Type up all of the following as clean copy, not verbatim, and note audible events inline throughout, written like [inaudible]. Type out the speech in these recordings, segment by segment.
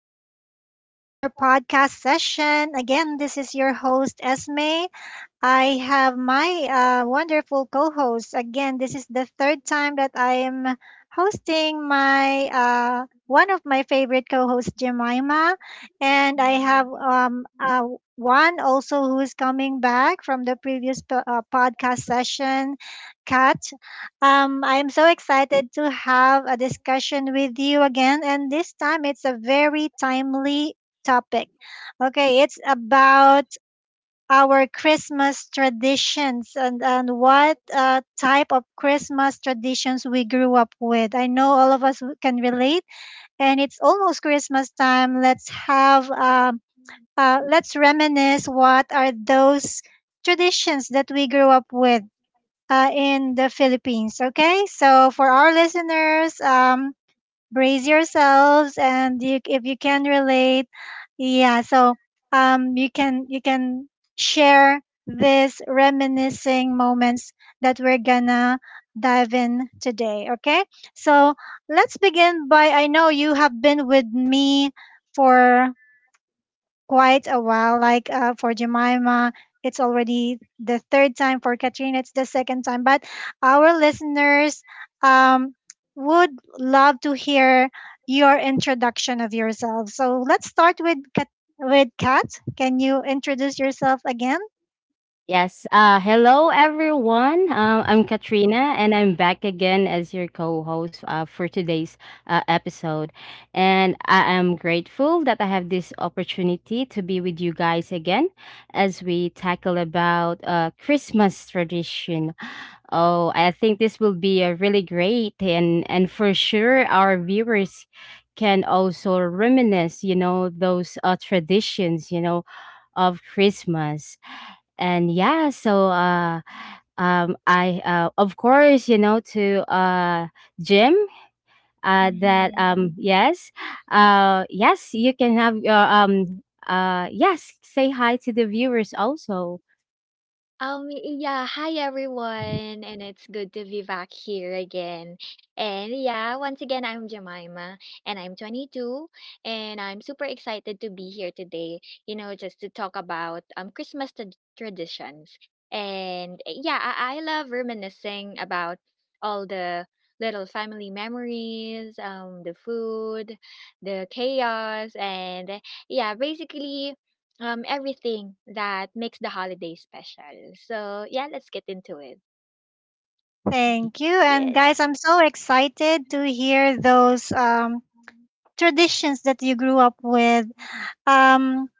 welcome back to our podcast session. Again, this is your host Esme. I have my wonderful co host. Again, this is the third time that I am hosting my one of my favorite co hosts, Jemima. And I have Mm. One also who is coming back from the previous podcast session, Kat. I'm so excited to have a discussion with you again. And this time it's a very timely topic. Okay, it's about our Christmas traditions and what type of Christmas traditions we grew up with. I know all of us can relate, and it's almost Christmas time. Let's have, let's reminisce what are those traditions that we grew up with. In the Philippines. Okay, so for our listeners, brace yourselves and you, if you can relate, yeah. So you can share these reminiscing moments that we're gonna dive in today. Okay, so let's begin by, I know you have been with me for quite a while. Like for Jemima, it's already the third time. For Katrina, it's the second time. But our listeners um, would love to hear your introduction of yourself. So let's start with Kat. With Kat, can you introduce yourself again? Yes. Hello, everyone. I'm Katrina, and I'm back again as your co-host, for today's episode. And I am grateful that I have this opportunity to be with you guys again as we tackle about Christmas tradition. Oh, I think this will be a really great, and for sure our viewers can also reminisce, you know, those traditions, you know, of Christmas. And yeah, so I of course, you know, to Jim, that, Mhm. Yes. Yes, you can have your yes, say hi to the viewers also. Family memories, the food, the chaos, and yeah, basically everything that makes the holiday special. So, yeah, let's get into it. Y- Thank you. And yes. guys, I'm so excited to hear those traditions that you grew up with. Um,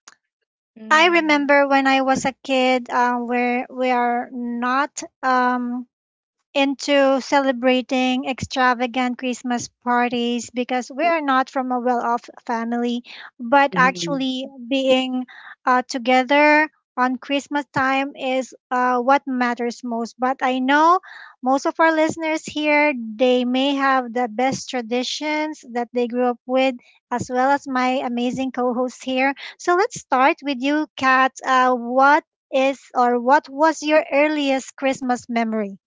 I Mm. remember when I was a kid, where we are not into celebrating extravagant Christmas parties because we are not from a well off family, but actually being together on Christmas time is what matters most. But I know most of our listeners here, they may have the best traditions that they grew up with, as well as my amazing co host here. So let's start with you, Kat. What is or what was your earliest Christmas memory?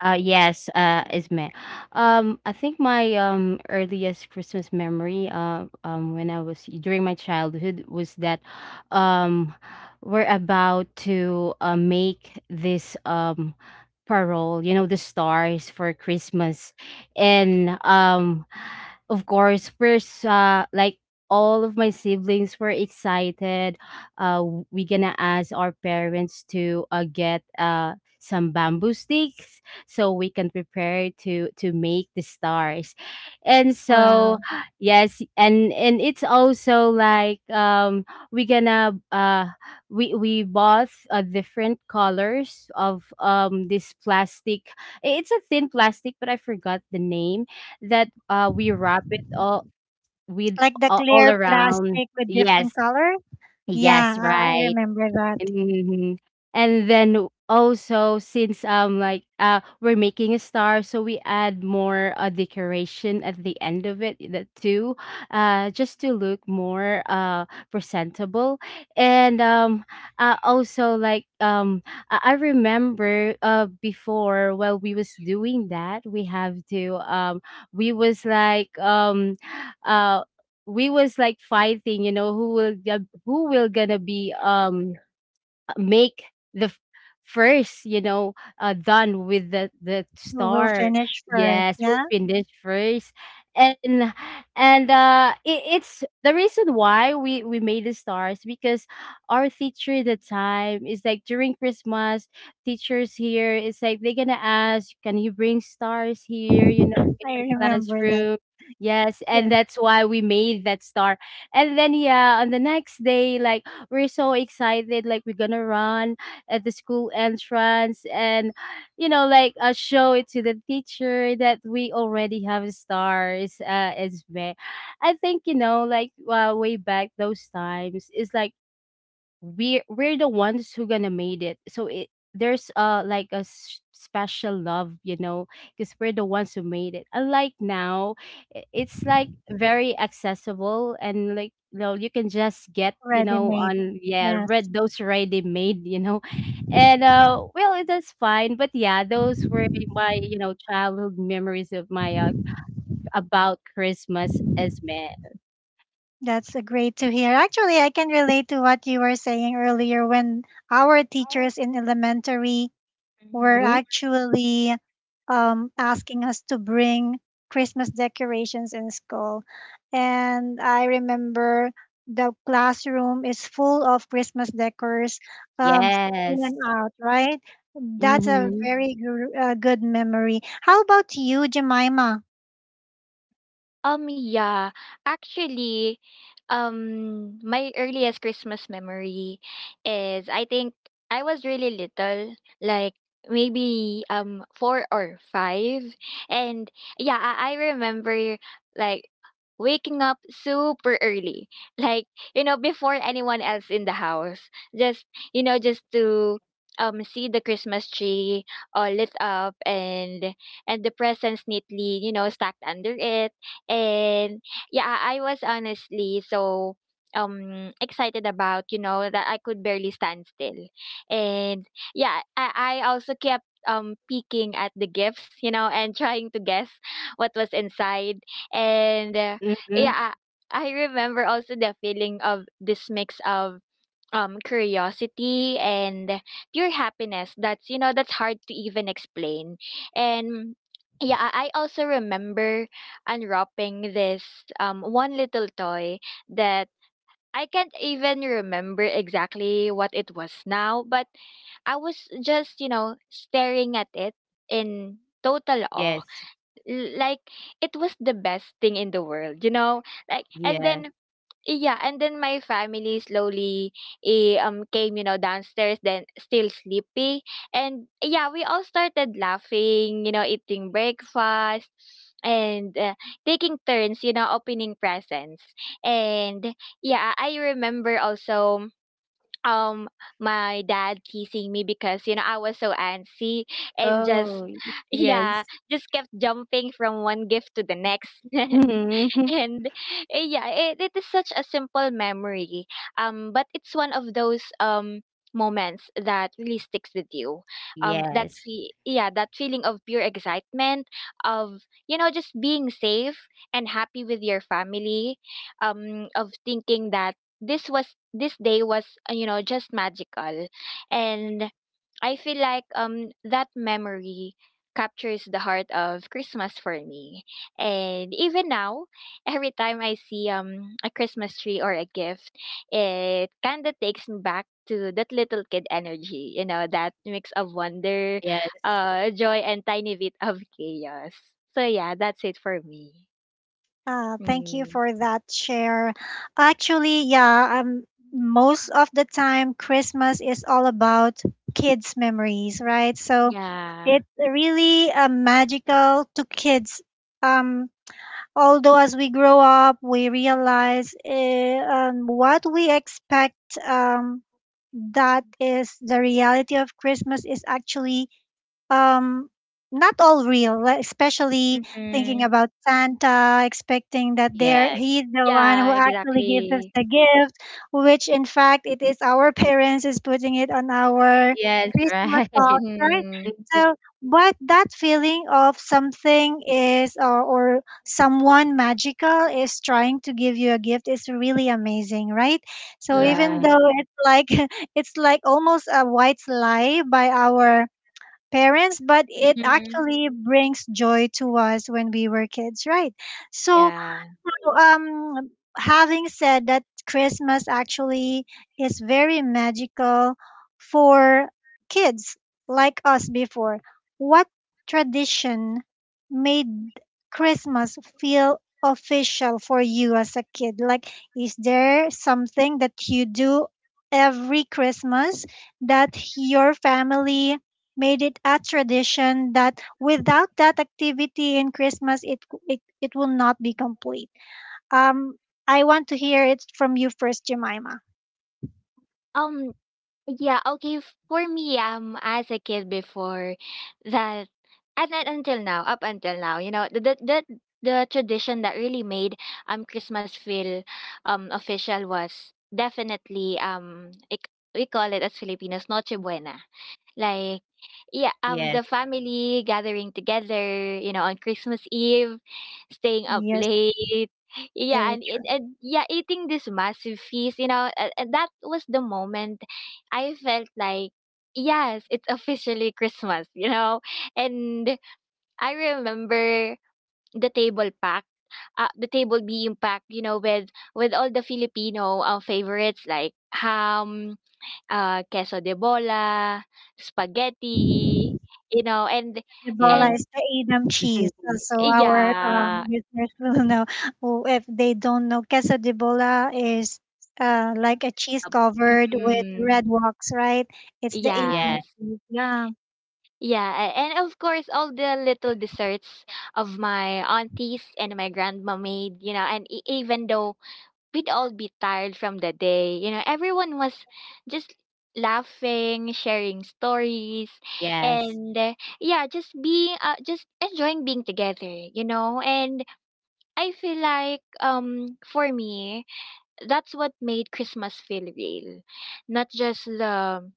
Yes, Isme. I think my earliest Christmas memory, when I was during my childhood, was that, um, we're about to make this parole, you know, the stars for Christmas, and, of course, we're uh, like all of my siblings were excited. We're gonna ask our parents to get some bamboo sticks, so we can prepare to make the stars. And so Wow. [gasps] yes, and it's also like, we gonna we bought different colors of this plastic. It's a thin plastic, but I forgot the name that we wrap it all with, Like the all clear around. plastic with different Yes. color? Yeah, Yes, I right. remember that. Mhm. And then also, since we're making a star, so we add more decoration at the end of it, that too, just to look more presentable. And also, like, I remember before, while we was doing that, we have to, we was like um uh we was like fighting, you know, who will who will gonna be, make the first, you know, done with the Who will star. finish first? Yes, we'll Yeah, finish first. And and it's the reason why we made the stars, because our teacher at the time is like, during Christmas, teachers here is like, they're gonna ask, can you bring stars here, you know, in I our remember that. classroom. Yes, and Yeah, that's why we made that star. And then, yeah, on the next day, like, we're so excited, like, we're gonna run at the school entrance and, you know, like, show it to the teacher that we already have stars. It's me, I think, you know, like, way back those times, it's like, we're the ones who gonna made it, so it there's, like a special love, you know, because we're the ones who made it, unlike now. It's like very accessible, and like, you know, you can just get, you ready know, made. on, yeah, Yes, read those already made, you know. And, well, it is fine, but yeah, those were my, you know, childhood memories of my, about Christmas as man. that's a great to hear. Actually, I can relate to what you were saying earlier when our teachers in elementary were hmm actually asking us to bring Christmas decorations in school. And I remember the classroom is full of Christmas decors um, in Yes. and out, right? That's a Mm-hmm. very good memory. How about you, Jemima? Yeah. Actually, my earliest Christmas memory is, I think, I was really little, like maybe four or five, and yeah, I remember like waking up super early, like, you know, before anyone else in the house, just, you know, just to see the Christmas tree all lit up and the presents neatly, you know, stacked under it. And yeah, I was honestly so excited about, you know, that I could barely stand still. And yeah, I also kept peeking at the gifts, you know, and trying to guess what was inside. And Mm-hmm. yeah, I remember also the feeling of this mix of curiosity and pure happiness that's, you know, that's hard to even explain. And yeah, I also remember unwrapping this one little toy that I can't even remember exactly what it was now, but I was just, you know, staring at it in total awe. Yes. Like it was the best thing in the world, you know. Like, and Yeah. then yeah, and then my family slowly came, you know, downstairs then still sleepy. And yeah, we all started laughing, you know, eating breakfast and taking turns, you know, opening presents. And yeah, I remember also um my dad teasing me because, you know, I was so antsy and just Oh, yeah, yes. just kept jumping from one gift to the next [laughs] Mhm. and yeah, it is such a simple memory, but it's one of those moments that really sticks with you. Yes. Yeah, that feeling of pure excitement of, you know, just being safe and happy with your family, of thinking that this day was, you know, just magical. And I feel like that memory captures the heart of Christmas for me. And even now [laughs] every time I see a Christmas tree or a gift, it kind of takes me back to that little kid energy, you know, that mix of wonder, Yes. Joy, and tiny bit of chaos. So yeah, that's it for me. Thank you mm. for that share. Actually, yeah, most of the time Christmas is all about kids' memories, right? So yeah it's really magical to kids. Um, although as we grow up, we realize what we expect, um, that is the reality of Christmas is actually um not all real like, especially thinking hmm about Santa, expecting that there Yes. he's the one who Yeah, actually gives us exactly. the gift, which in fact it is our [laughs] parents is putting it on our Yes, Christmas right. [laughs] box, right? Mhm. Mhm. So but that feeling of something is, or someone magical is trying to give you a gift is really amazing, right? So even Yeah. Right. though it's like [laughs] it's like almost a white lie by our parents, but it Mhm. actually brings joy to us when we were kids, right? So Yeah. so, having said that, Christmas actually is very magical for kids like us before. What tradition made Christmas feel official for you as a kid? Like, is there something that you do every Christmas that your family made it a tradition that without that activity in Christmas, it will not be complete? Um, I want to hear it from you first, Jemima. Um, yeah, okay, for me, as a kid before that, and then until now, up until now, you know, the tradition that really made Christmas feel official was definitely we call it, as Filipinos, Noche Buena. Like, yeah, Yes. the family gathering together, you know, on Christmas Eve, staying up Yes, late. Yeah, very and, true. and, and yeah, eating this massive feast, you know, and that was the moment I felt like, yes, it's officially Christmas, [laughs] you know. And I remember the table pack, the table being packed, you know, with all the Filipino favorites like ham, queso de bola, spaghetti, you know, Ebola Yes. and is the Edam cheese. Mhm. So our yeah, listeners [laughs] will know. Well, if they don't know. Queso de bola is like a cheese um, covered with mm, red wax, right? It's the Edam Yes. yes. cheese. Yeah. Yeah, and of course all the little desserts of my aunties and my grandma made, you know, and even though we'd all be tired from the day, you know, everyone was just laughing, sharing stories, Yes. and yeah, just being just enjoying being together, you know. And I feel like for me that's what made Christmas feel real. Not just the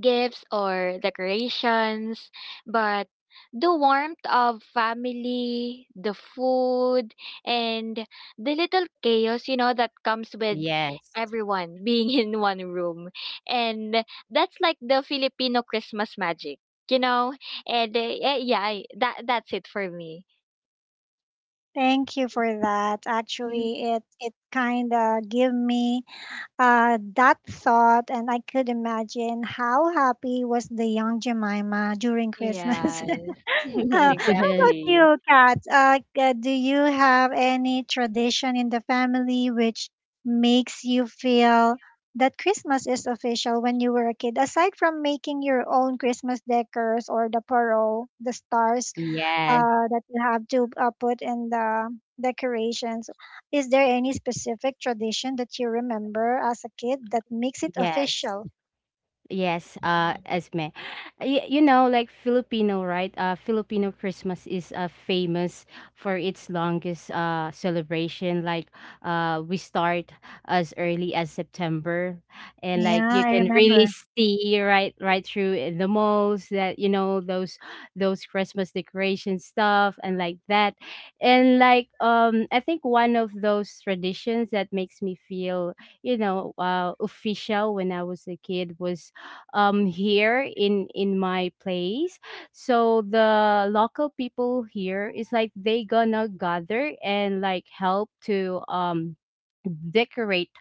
gifts or decorations, but the warmth of family, the food, and the little chaos, you know, that comes with Yes. everyone being [laughs] in one room. And that's like the Filipino Christmas magic, you know? And yeah, yeah, that that's it for me. Thank you for that. Actually, it kind of give me uh, that thought, and I could imagine how happy was the young Jemima during Christmas. Yes. [laughs] [laughs] How about [laughs] Exactly. you, Kat? Do you have any tradition in the family which makes you feel that Christmas is official when you were a kid? Aside from making your own Christmas decors or the parole, the stars, Yes. That you have to put in the decorations. Is there any specific tradition that you remember as a kid that makes it Yes. official? Yes, Esme. You know, like, Filipino, right? Filipino Christmas is famous for its longest celebration. Like, we start as early as September, and like, Yeah, you I can really remember. see right through in the malls, that, you know, those Christmas decoration stuff and like that. And like, I think one of those traditions that makes me feel, you know, official when I was a kid was, here in my place. So the local people here is like, they gonna gather and like help to decorate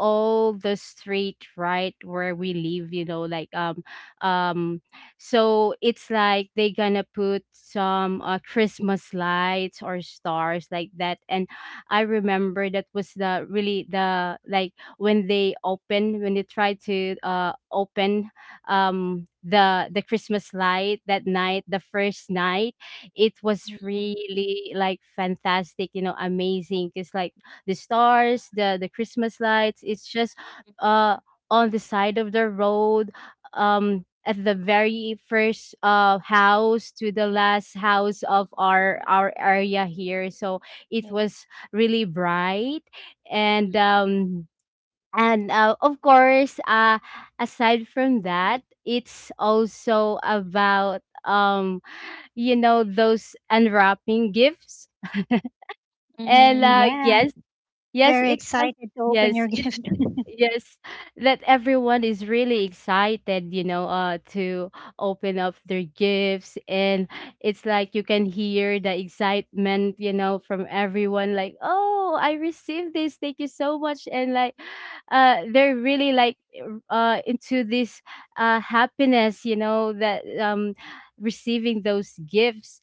all the street right where we live, you know, like, um so it's like they gonna put some Christmas lights or stars like that. And I remember that was the really the, like, when they open, when they try to open, the Christmas light that night, the first night. It was really like fantastic, you know, amazing, because like, the stars, the Christmas lights, it's just uh on the side of the road, at the very first house to the last house of our area here. So it was really bright, and of course, aside from that, it's also about, you know, those unwrapping gifts. And, Mm-hmm. Yeah, yes. Yes, very it's some, excited to open yes, your [laughs] it's, gift. yes, that everyone is really excited, you know, to open up their gifts. And it's like you can hear the excitement, you know, from everyone, like, "Oh, I received this. Thank you so much." And like, they're really like, into this happiness, you know, that, receiving those gifts.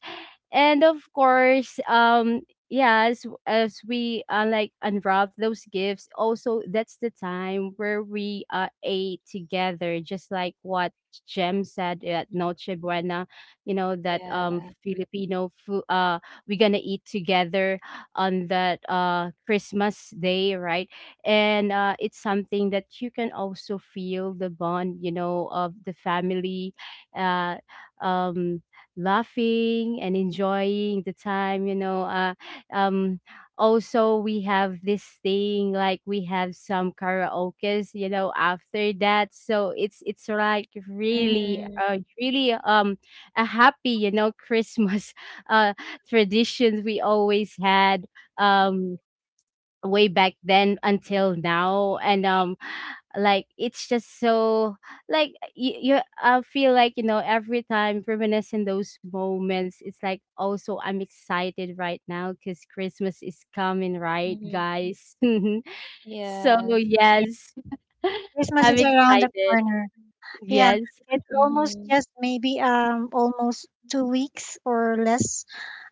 And of course, yeah, as we, like, unwrap those gifts, also, that's the time where we, ate together, just like what Jem said at Noche Buena, you know, that Yeah. Filipino food, we're gonna eat together on that Christmas day, right? And it's something that you can also feel the bond, you know, of the family, uh um laughing and enjoying the time, you know, um also, we have this thing, like we have some karaokes, you know, after that. So it's like really, really, a happy, you know, Christmas [laughs] uh traditions we always had, um way back then until now. And, like, it's just so, like, you I feel like, you know, every time reminiscing those moments, it's like, also I'm excited right now because Christmas is coming, right, Mm-hmm. guys? [laughs] So Yes. Yeah. yes. [laughs] Christmas I'm is around the excited. corner. Yeah, Yes. it's almost Mm-hmm. just maybe almost 2 weeks or less,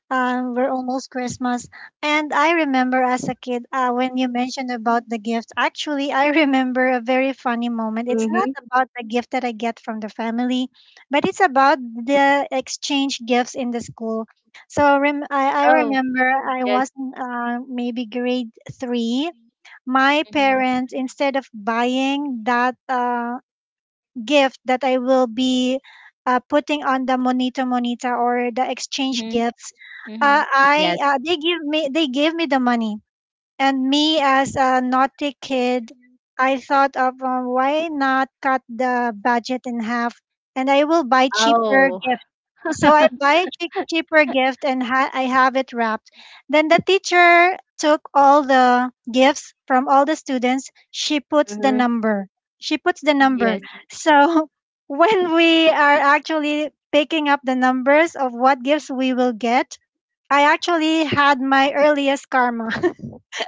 we're almost Christmas. And I remember as a kid, when you mentioned about the gift, actually, I [laughs] remember a very funny moment. It's Mm-hmm. not about the gift that I get from the family, but it's about the exchange gifts in the school. So I Oh, remember I yes. was in, maybe grade three. My parents, instead of buying that gift that I will be putting on the monito monita or the exchange gifts, I Yes. They give me they gave me the money, and me as a naughty kid, I thought of why not cut the budget in half, and I will buy cheaper Oh. gifts. [laughs] So I buy a cheaper gift and I have it wrapped. Then the teacher took all the gifts from all the students. She Uh puts the huh. number. She puts the number. Yes. Mhm. So [laughs] when we are actually picking up the numbers of what gifts we will get, I actually had my earliest karma.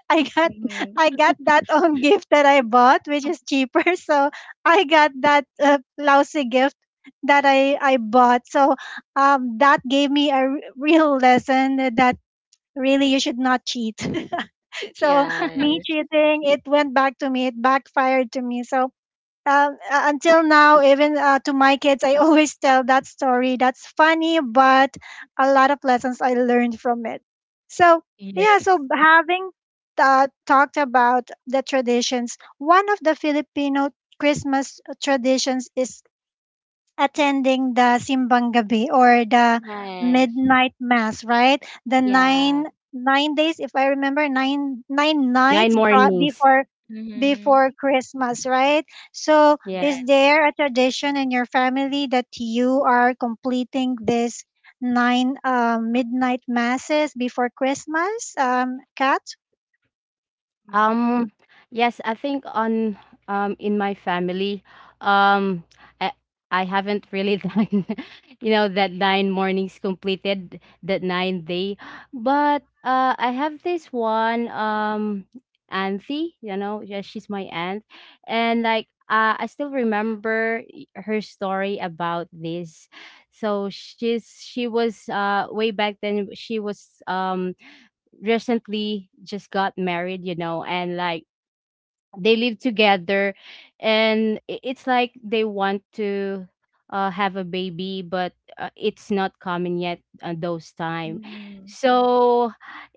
I got Mm-hmm. I got that [laughs] gift that I bought, which is cheaper. [laughs] So I got that lousy gift that I bought. So that gave me a real lesson that really you should not cheat. [laughs] So me Yes. cheating, it went back to me. It backfired to me. So until now, even to my kids, I [laughs] always tell that story. That's funny, but a lot of lessons I learned from it. So, yeah, so Yes. having talked about the traditions, one of the Filipino Christmas traditions is attending the simbang gabi or the Yes. midnight mass, right? The Yeah. 9 9 days, if I remember, nine Nine nights mornings. before Mm-hmm. before Christmas, right? So, Yeah. Yeah. is there a tradition in your family that you are completing this nine midnight masses before Christmas? Kat? Mm. Um, yes, I think on in my family, um I I haven't really [laughs] done, you know, that nine mornings, completed that 9 day. But I have this one auntie, you know, yeah, she's my aunt. And like, I still remember, her story about this. So she was way back then, she was recently just got married, you know, and like they live together, and it's like they want to, have a baby, but it's not common yet at those time. So,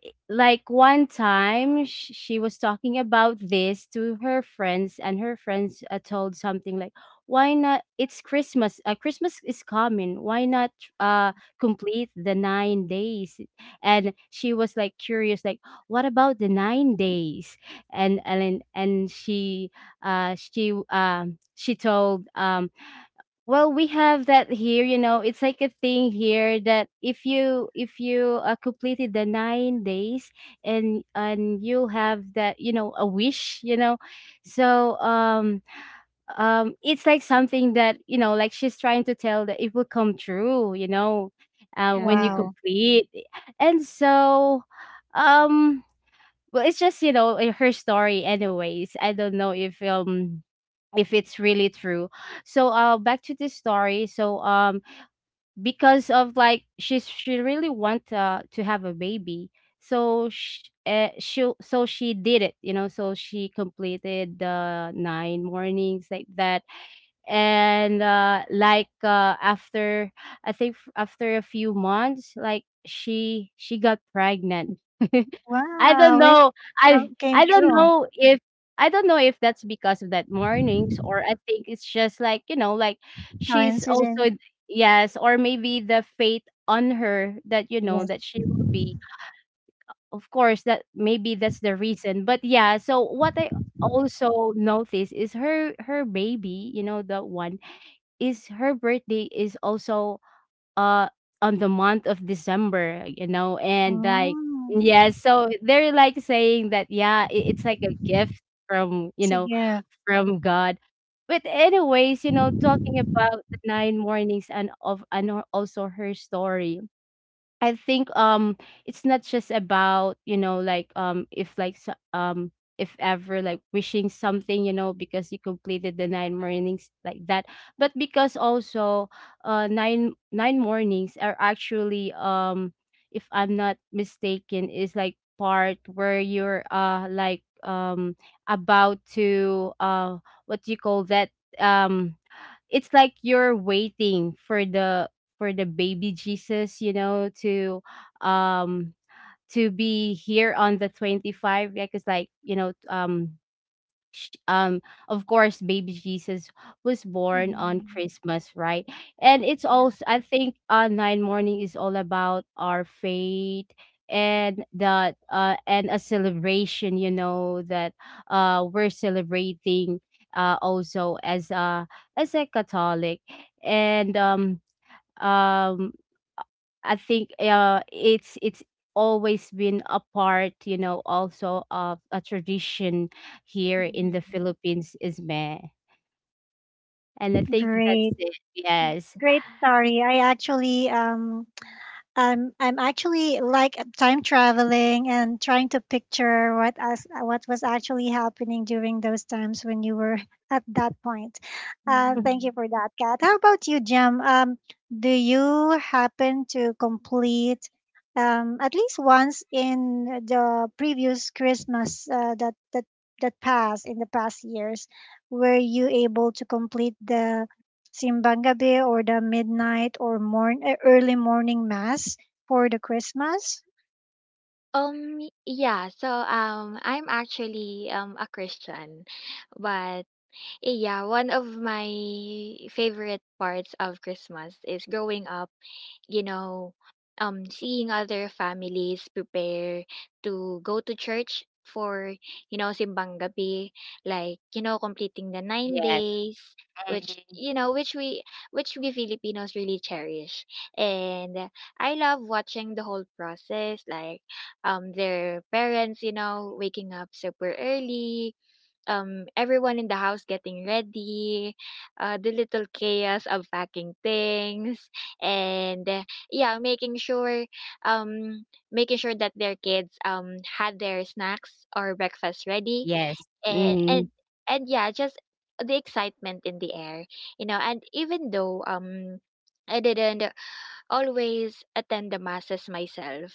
like one time, she was talking about this to her friends, and her friends, told something like, why not, it's Christmas, Christmas is coming, why not uh complete the 9 days. And she was like curious, like, what about the 9 days? And Ellen, and she told, well, we have that here, you know, it's like a thing here, that if you completed the 9 days, and you have that, you know, a wish, you know. So it's like something that, you know, like, she's trying to tell that it will come true, you know, when you Yeah. Wow, complete. And so, um well, it's just, you know, her story anyways. I don't know if it's really true. So back to the story. So, because of, like, she really want, to have a baby. So she so she did it, you know, so she completed the nine mornings like that. And like, after, I think, after a few months, like, she got pregnant. [laughs] I wow, don't wish know. that I came I don't true. know if, that's because of that mornings, or I think it's just like, you know, like she's Coincidence? also, yes, or maybe the fate on her, that, you know, Yes. that she will be. Of course, that maybe that's the reason. But yeah, so what I also notice is her baby, you know, the one, is her birthday is also uh on the month of December, you know, and like, Mm, yeah, so they're like saying that, yeah, it's like a gift from, you it's a know, gift. from God. But anyways, you know, talking about the nine mornings, and of, and, also her story. I think, it's not just about, you know, like, if ever, like, wishing something, you know, because you completed the nine mornings like that, but because also, nine mornings are actually, if I'm not mistaken, is like part where you're, about to, what do you call that, um it's like you're waiting for the baby Jesus, you know, to, um to be here on the 25, like, it's like, you know, sh- um of course baby Jesus was born on Christmas, right? And it's also, I think, nine morning is all about our faith, and that, and a celebration, you know, that, we're celebrating, also, as a Catholic, and, um I think, it's always been a part, you know, also of a tradition here in the Mm-hmm. Philippines, is meh. And I think that's Great, it. Yes. great story. I actually [tsk] I'm actually like time traveling and trying to picture what was actually happening during those times when you were [laughs] at that point. Thank you for that, Kat. How about you, Jem? Do you happen to complete at least once in the previous Christmas that passed in the past years? Were you able to complete the Simbang Gabi or the midnight or early morning mass for the Christmas. Yeah, so I'm actually a Christian. But yeah, one of my favorite parts of Christmas is growing up, you know, seeing other families prepare to go to church for, you know, simbang gabi, like, you know, completing the nine Yes. days, which, Mhm. you know, which we Filipinos really cherish. And I love watching the whole process, like, their parents, you know, waking up super early, everyone in the house getting ready, the little chaos of packing things, and yeah, um, making sure that their kids had their snacks or breakfast ready, Yes. and and, Mm. and yeah, just the excitement in the air, you know. And even though I didn't always attend the masses myself,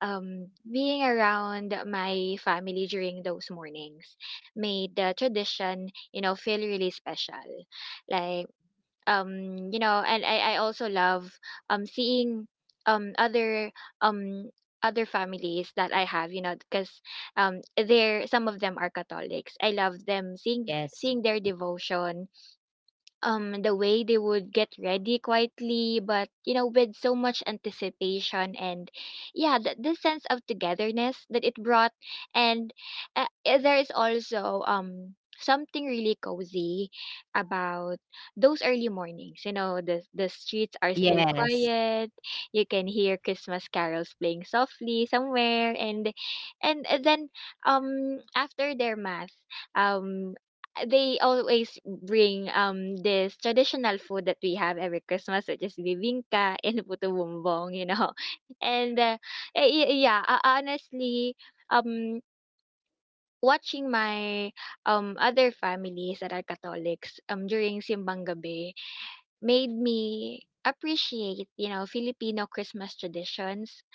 Being around my family during those mornings made the tradition, you know, feel really special. Like, you know, and I also love seeing um other um other families that I have, you know, because they're some of them are Catholics. I love them seeing Yes. Their devotion, the way they would get ready quietly but, you know, with so much anticipation. And yeah, this sense of togetherness that it brought. And there is also something really cozy about those early mornings. You know, the streets are still Yes. quiet, you can hear Christmas carols playing softly somewhere. And then after their math, um they always bring this traditional food that we have every Christmas, which is bibingka [laughs] and puto bumbong, you know. [laughs] And yeah, honestly, um, watching my other families that are Catholics during simbang gabi made me appreciate, you know, Filipino Christmas traditions.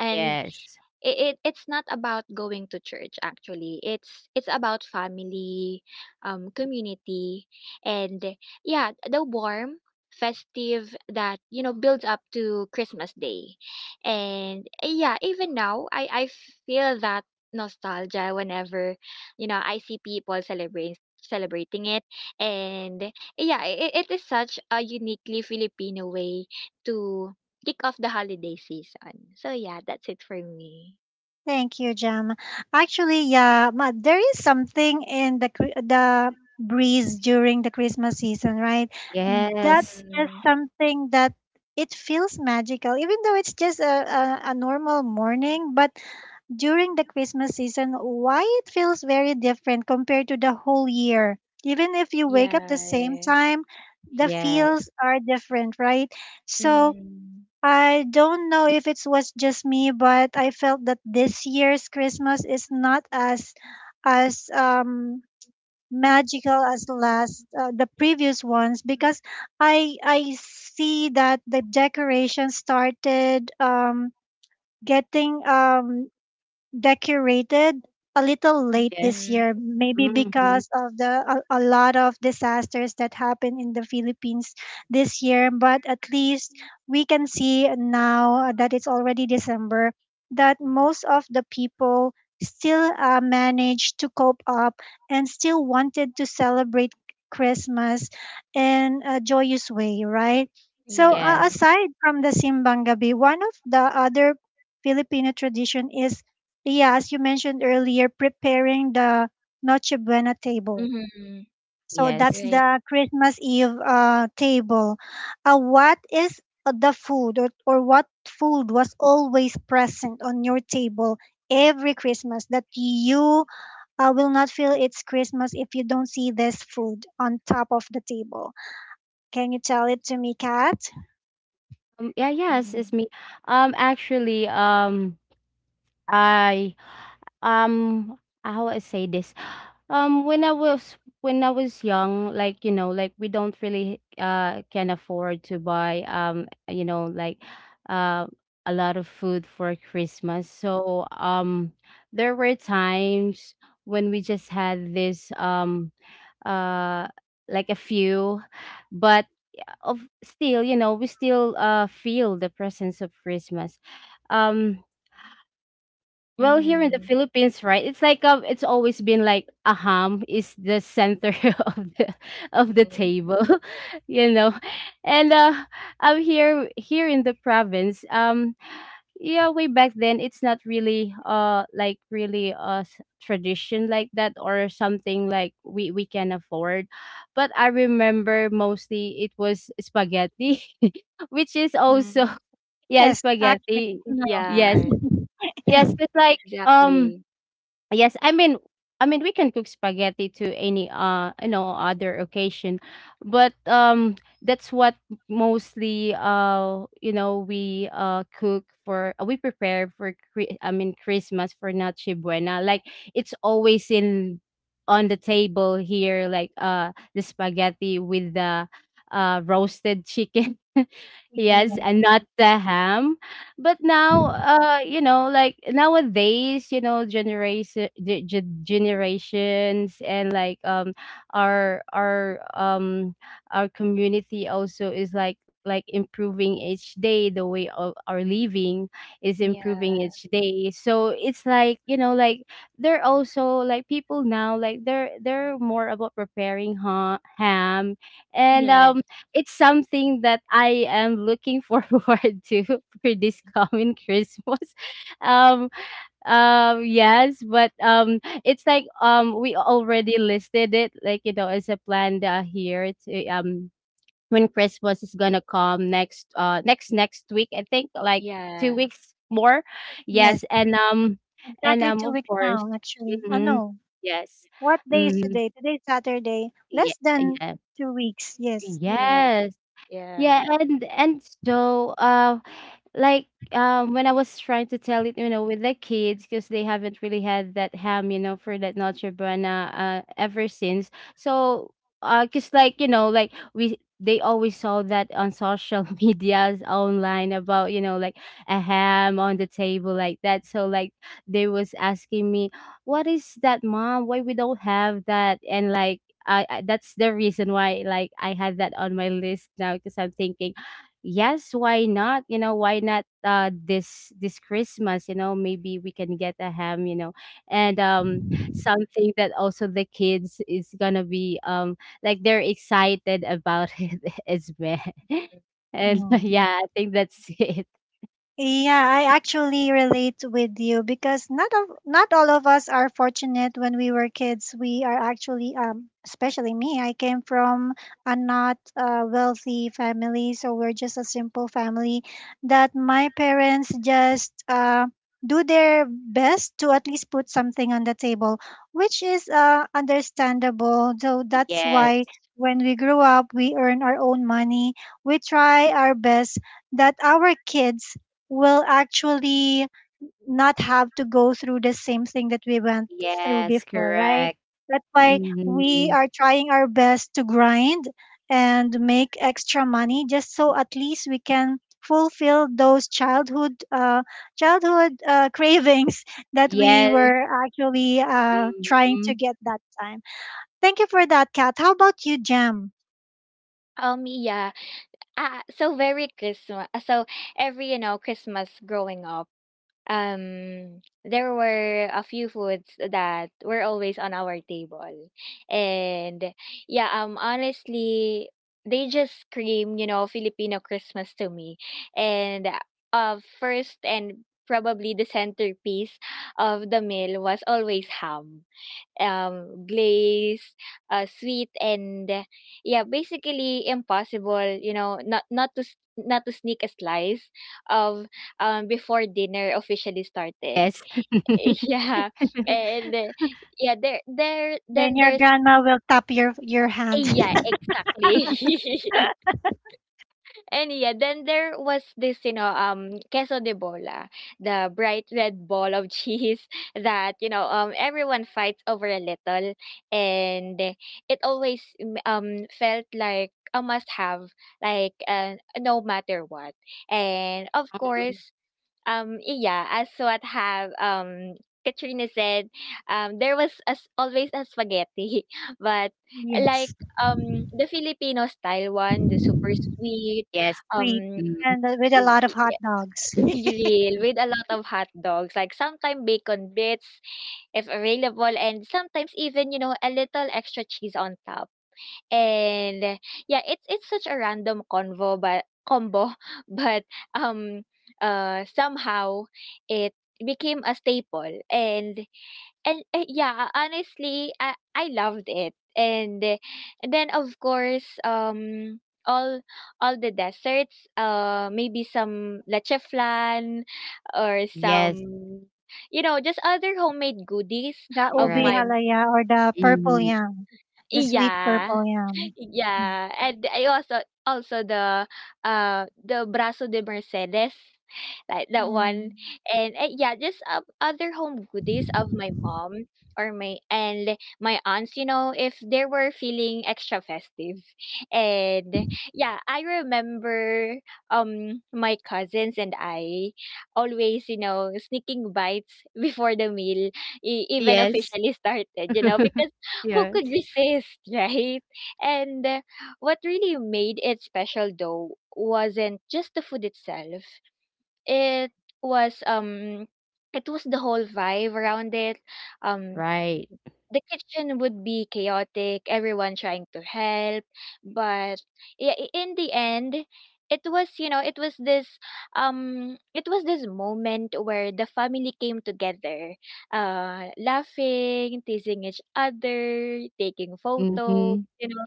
And Yes. it it's not about going to church actually. It's about family, community, and yeah, the warm festive that, you know, builds up to Christmas Day. And yeah, even now I feel that nostalgia whenever, you know, I see people celebrating it. And yeah, it is such a uniquely Filipino way to kick off the holiday season. So yeah, that's it for me. Thank you, Jam. Actually, yeah, ma, there is something in the the breeze during the Christmas season, right? That's Yes. just Mhm. something that it feels magical, even though it's just a normal morning, but during the Christmas season why it feels very different compared to the whole year. Even if you wake up the same Yeah. time, the Yes. feels are different, right? So Mm. I don't know if it was just me, but I felt that this year's Christmas is not as as um magical as last the previous ones because I see that the decorations started getting decorated a little late this Yes. Mhm. year, maybe Hmm. because of the a lot of disasters that happened in the Philippines this year. But at least we can see now that it's already December that most of the people still managed to cope up and still wanted to celebrate Christmas in a joyous way, right? So Yeah. Yes. aside from the simbang gabi, one of the other Filipino tradition is, yeah, as you mentioned earlier, preparing the Noche Buena table. Mhm. So that's Yes. Right. the Christmas Eve table. What is the food, or what food was always present on your table every Christmas that you will not feel it's Christmas if you don't see this food on top of the table? Can you tell it to me, Kat? Yeah. Yes. It's Mhm. me. Actually. I Um, how I say this? [gasps] When I was young, like, like we don't really can afford to buy like uh a lot of food for Christmas. So, there were times when we just had this uh like a few, but of still, we still feel the presence of Christmas. Um, well, here in the Mhm. Philippines, right? It's like, it's always been like a ham is the center [laughs] of the Mhm. table, [laughs] you know. And am here in the province, yeah, way back then, it's not really like really tradition like that or something like we can afford. But I remember mostly it was spaghetti, [laughs] which is also, Mhm. [laughs] yeah, Yes, actually. spaghetti. No. Yes, Yes. yes, it's [laughs] like um Exactly. yes, I mean we can cook spaghetti to any other occasion. But that's what mostly, we cook for, we prepare for I mean Christmas, for Noche Buena. Like, it's always in on the table here, like the spaghetti with the roasted chicken. [laughs] Yes, Mm. and not the ham. But now, like, nowadays, generation, generations, and like, our our um our community also is like improving each day. The way of our living is improving Yeah. each day, so it's like, like, they're also, like, people now, like, they're more about preparing ham. And Yes. it's something that I am looking [laughs] forward to for this coming [laughs] Christmas. Um, yes, but it's like, we already listed it, like, as a plan, here to, when Christmas is gonna come next, next week. I think, like, two Yeah. weeks more. Yes, Yes, and um, and exactly um, two of weeks course. now, actually. I Hmm, know. yes. What day is Hmm, today? Today's Saturday. yeah, Less than yeah. 2 weeks. Yes. Yes. Yes, yeah, Yeah. and so, like, when I was trying to tell it, with the kids, because they haven't really had that ham, for that Noche Buena ever since. So 'cause like, like, we they always saw that on social [laughs] medias online about, like, a ham on the table like that. So like, they was asking me, what is that, mom? Why we don't have that? And like, I that's the reason why, like, I had that on my list now, because I'm thinking, yes, why not? Why not, this Christmas, maybe we can get a ham. And something that also the kids is gonna be, like, they're excited about [laughs] it as well. [laughs] And Mm. yeah, I think that's it. Yeah, I actually relate with you because not all of us are fortunate when we were kids. We are actually, especially me. I came from a not wealthy family, so we're just a simple family. That my parents just do their best to at least put something on the table, which is understandable. So that's why Yes. when we grew up, we earn our own money. We try our best that our kids will actually not have to go through the same thing that we went through Yes, before, right? correct. That's why we Mhm. are trying our best to grind and make extra money just so at least we can fulfill those childhood [laughs] cravings that we Yes. were actually trying to Mhm. get that time. Thank you for that, Kat. How about you, Jam? Yeah. Ah. So, very Christmas. So every, you know, Christmas growing up, there were a few foods that were always on our table. And yeah, honestly, they just scream, you know, Filipino Christmas to me. And first and probably the centerpiece of the meal was always ham, glaze, sweet, and yeah, basically impossible, you know, not to not to sneak a slice of before dinner officially started. Yes. [laughs] Yeah, [laughs] and yeah, there Then then your there's grandma will tap your hand. yeah exactly. [laughs] And yeah, then there was this, you know, queso de bola, the bright red ball of cheese, [laughs] that, you know, everyone fights over a little. And it always felt like a must have, like no matter what. And of course, yeah, as what have Katrina said, there was, as always, a spaghetti, [laughs] but [laughs] like Yes. The Filipino style one, the super sweet, Yes. Sweet um Mhm. and with a i- lot of hot i- dogs. [laughs] grill with a lot of hot dogs, like sometimes bacon bits if available, and sometimes even, you know, a little extra cheese on top. And yeah, it's such a random convo but combo, [laughs] but um somehow it became a staple. And yeah, honestly, I loved it. And then of course, all all the desserts, maybe some leche flan or Yes. some, you know, just other homemade goodies The You're of ube right. my halaya or the purple Mhm. yam, the sweet yeah. purple yam. Yeah, and I also the Brazo de Mercedes, like that one, Mm. And yeah, just other home goodies of my mom or my aunts. You know, if they were feeling extra festive. And yeah, I remember my cousins and I always, you know, sneaking bites [laughs] before the meal even Yes. officially started. You know, [laughs] because who Yes. could resist, [laughs] right? And what really made it special though wasn't just the food itself. It was the whole vibe around it. Um Right. the kitchen would be chaotic, everyone trying to help, but yeah, in the end, it was, you know, it was this moment where the family came together, laughing, teasing each other, taking photos, Mhm. you know.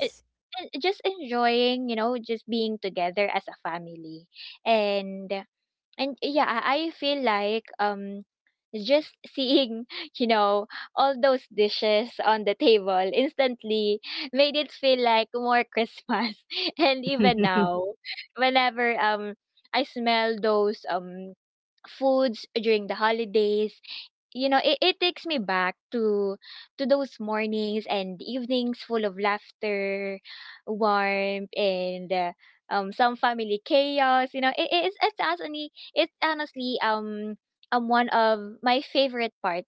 It, and just enjoying, you know, just being together as a family. And And yeah, I feel like just seeing, [laughs] you know, all those dishes on the table instantly made it feel like more Christmas. [laughs] And even now, [laughs] whenever I smell those foods during the holidays, it takes me back to those mornings and evenings full of laughter, warmth, and some family chaos. You know it, it's honestly one of my favorite part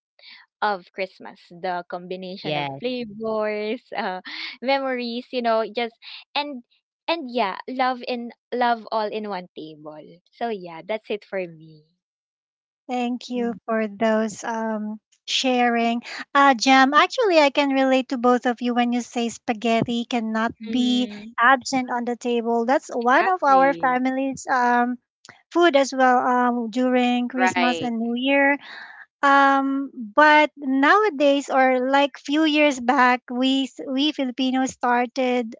of Christmas, the combination of Yes. flavors, [laughs] memories, you know, just and and yeah, love in love all in one table. So yeah, that's it for me. Thank you for those sharing. Uh, Jam, actually I can relate to both of you when you say spaghetti cannot be Mhm. absent on the table. That's one of our Exactly. family's food as well during Christmas Right. and New Year. But nowadays, or like few years back, we Filipinos started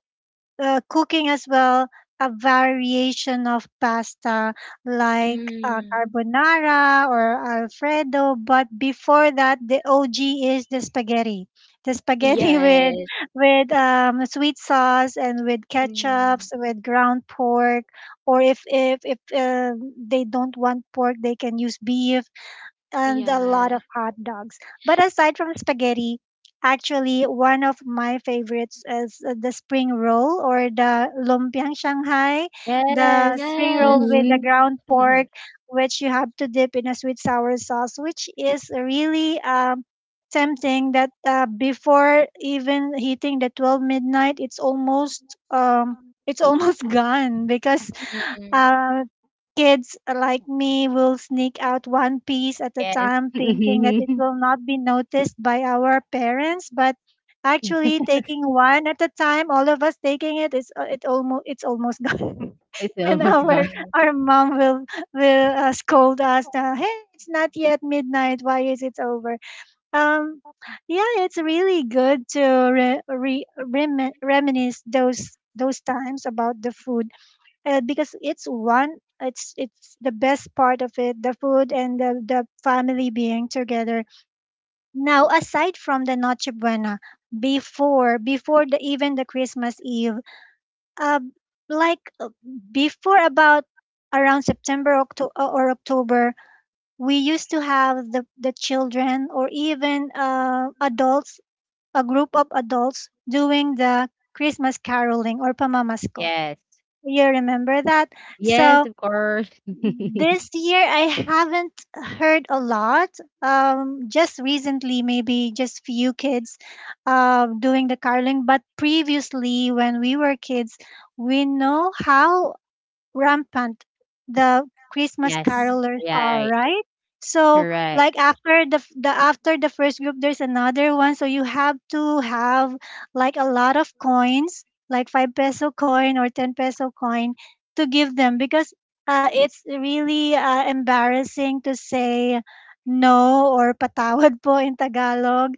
cooking as well a variation of pasta like Mm, carbonara or alfredo, but before that, the og is the spaghetti, the spaghetti [laughs] with yes. Sweet sauce and with Mm, ketchups, with ground pork, or if they don't want pork, they can use beef and a lot yeah. of hot dogs. But aside from spaghetti, actually one of my favorites is the spring roll, or the lumpiang Shanghai, the Yes. spring roll Yes. with the Mhm. ground Mhm. pork, which you have to dip in a sweet sour sauce, which is really tempting. That, before even hitting the 12 midnight, um, it's almost [laughs] gone because Mhm. uh. Kids like me will sneak out one piece at a Yes. time, thinking that it [laughs] Mhm. will not be noticed by our parents. But Yeah. actually, taking one at a time, all of us taking it, is it's almost gone. It's [laughs] And almost our gone. Mhm. our mom will scold us. Hey, it's not yet midnight. Why is it over? Um, yeah, it's really good to reminisce those times about the food, because it's the best part of it, the food and the family being together now. Aside from the noche buena, before the Christmas Eve, uh, like before about around September, Octo- or October, we used to have the children, or even adults, a group of adults doing the Christmas caroling, or pamamasko. Yes. You remember that? Yes, So of course. [laughs] this year, I haven't heard a lot. Just recently, maybe just few kids doing the carling. But previously, when we were kids, we know how rampant the Christmas Yes. Mhm. carolers are, Right. right? So Correct. like after the f- the after the first group, there's another one, so you have to have like a lot of coins, like 5 peso coin or 10 peso coin, to give them because it's really embarrassing to say no, or patawad po in Tagalog,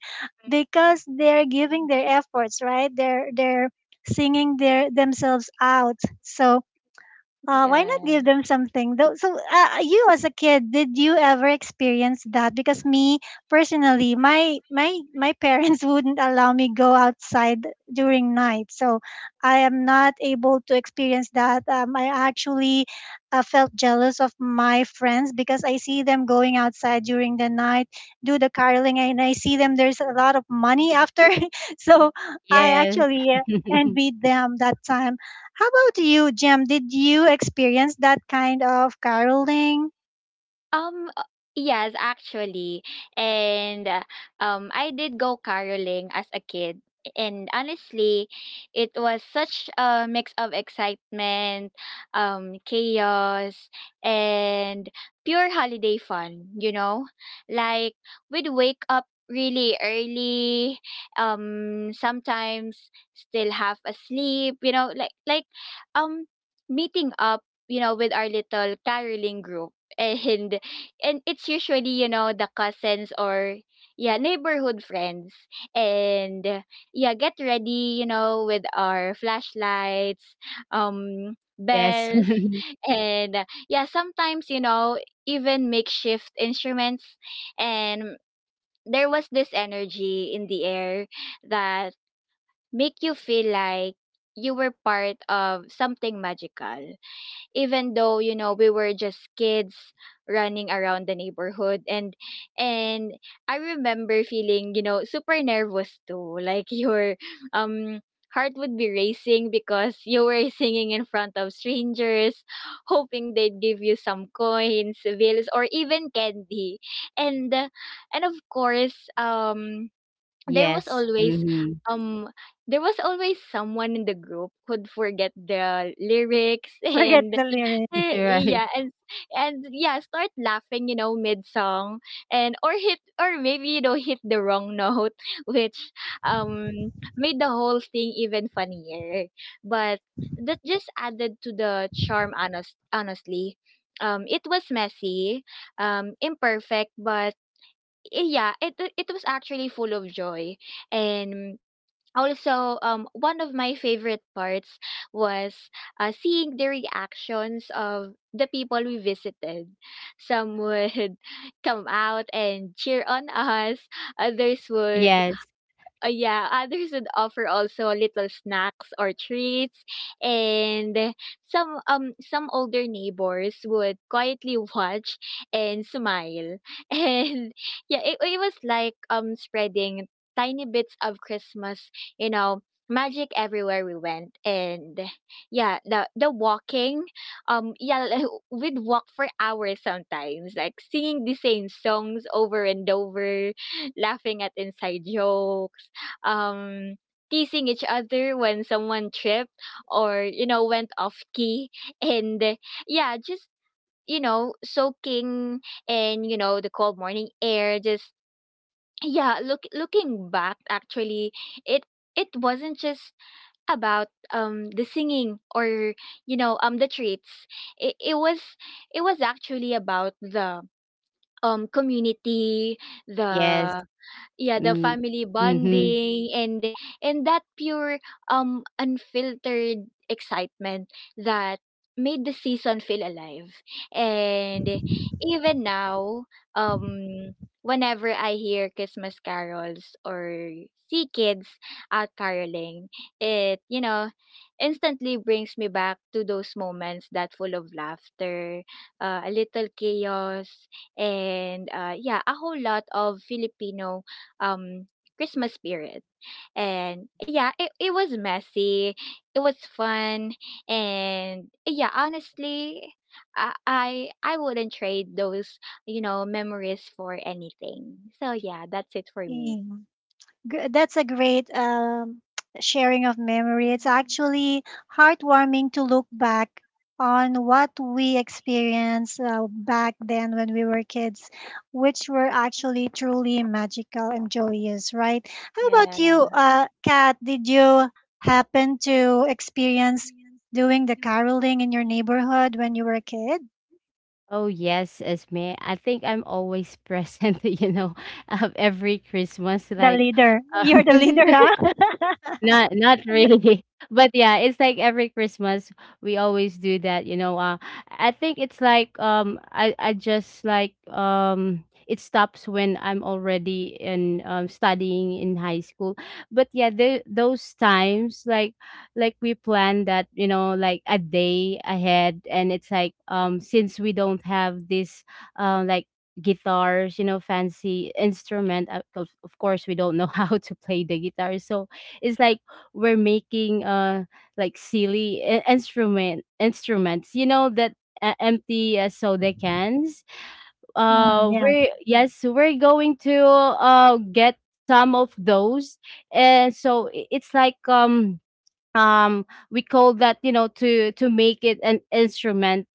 because they're giving their efforts, right? They're singing their themselves out. So, why not give Yeah. them something? Though, so, you as a kid, did you ever experience that? Because me personally, my parents [laughs] wouldn't allow me go outside during night, so I am not able to experience that. I actually felt jealous of my friends because I see them going outside during the night, do the caroling, and I see them. There's a lot of money after, [laughs] so I Yes. actually [laughs] envied them that time. How about you, Jem? Did you experience that kind of caroling? Um, uh, yes, actually. And I did go caroling as a kid. And honestly, it was such a mix of excitement, chaos, and pure holiday fun, you know? Like, we'd wake up really early, sometimes still half asleep, you know, like um meeting up, you know, with our little caroling group. [laughs] And and it's usually, you know, the cousins or yeah, neighborhood friends, and yeah, get ready, you know, with our flashlights, Yes. bells, [laughs] [laughs] and yeah, sometimes, you know, even makeshift instruments. And there was this energy in the air that make you feel like you were part of something magical, even though, you know, we were just kids running around the neighborhood. And I remember feeling, you know, super nervous too. [laughs] Like, your um heart would be racing because you were [laughs] singing in front of strangers, hoping they'd give you some coins, bills, or even candy. And uh, and of course, there was Yes. always Mhm. um there was always someone in the group who'd forget the lyrics [laughs] [laughs] Forget and the lyrics. Er, Right. yeah, and and yeah, start laughing, you know, mid song, and or hit, or maybe, you know, [laughs] hit the wrong note, [laughs] which um made the whole thing even funnier. But that just added to the charm. Honestly, it was messy, imperfect, but yeah, it was actually full of joy, and also, um, one of my favorite parts was seeing the reactions of the people we visited. Some would [laughs] come out and cheer on us, others would— Yes. Yeah, others would offer also little snacks or treats, and some older neighbors would quietly watch and smile, [laughs] and yeah, it was like spreading tiny bits of Christmas, you know, magic everywhere we went. And yeah, the walking, yeah, [laughs] like, we'd walk for hours sometimes, like singing the same songs over and over, laughing at inside jokes, um teasing each other when someone tripped or, you know, went off key. [laughs] and Yeah, just, you know, soaking in, you know, the cold morning air. Just yeah, looking back actually, it wasn't just about the singing or, you know, the treats. It was, it was actually about the community, Yes. the yeah, the Mm. family Mhm. bonding, and that pure unfiltered excitement that made the season feel alive. And even now, um whenever I hear Christmas carols or see kids out caroling, it, you know, instantly brings me back to those moments, that full of laughter, a little chaos, and yeah, a whole lot of Filipino um Christmas spirit. And yeah, it was messy. It was fun. And yeah, honestly, I wouldn't trade those, you know, memories for anything. So yeah, that's it for Yeah. me. That's a great [tsk] sharing of memory. It's actually heartwarming to look back on what we experienced back then when we were kids, which were actually truly magical and joyous, right? How about you, Yeah. Kat? Did you happen to experience doing the caroling in your neighborhood when you were a kid? Oh yes, Esme. I think I'm always present, [laughs] of every Christmas. The Like, leader. [laughs] You're um, the [laughs] leader, huh? [laughs] not really. [laughs] But yeah, it's like, every Christmas, we always do that. I think it's like, I just like, it stops when I'm already in, studying in high school. But yeah, those times, like, we plan that, like, a day ahead, and it's like, since we don't have this, like, guitars, fancy instrument, of course we don't know [laughs] how to play the guitar. So it's like we're making, like, silly instruments, that, empty, soda cans. Mm, yes. We're Yes, we're going to get some of those, and so, it's like, we call that, to make it an instrument,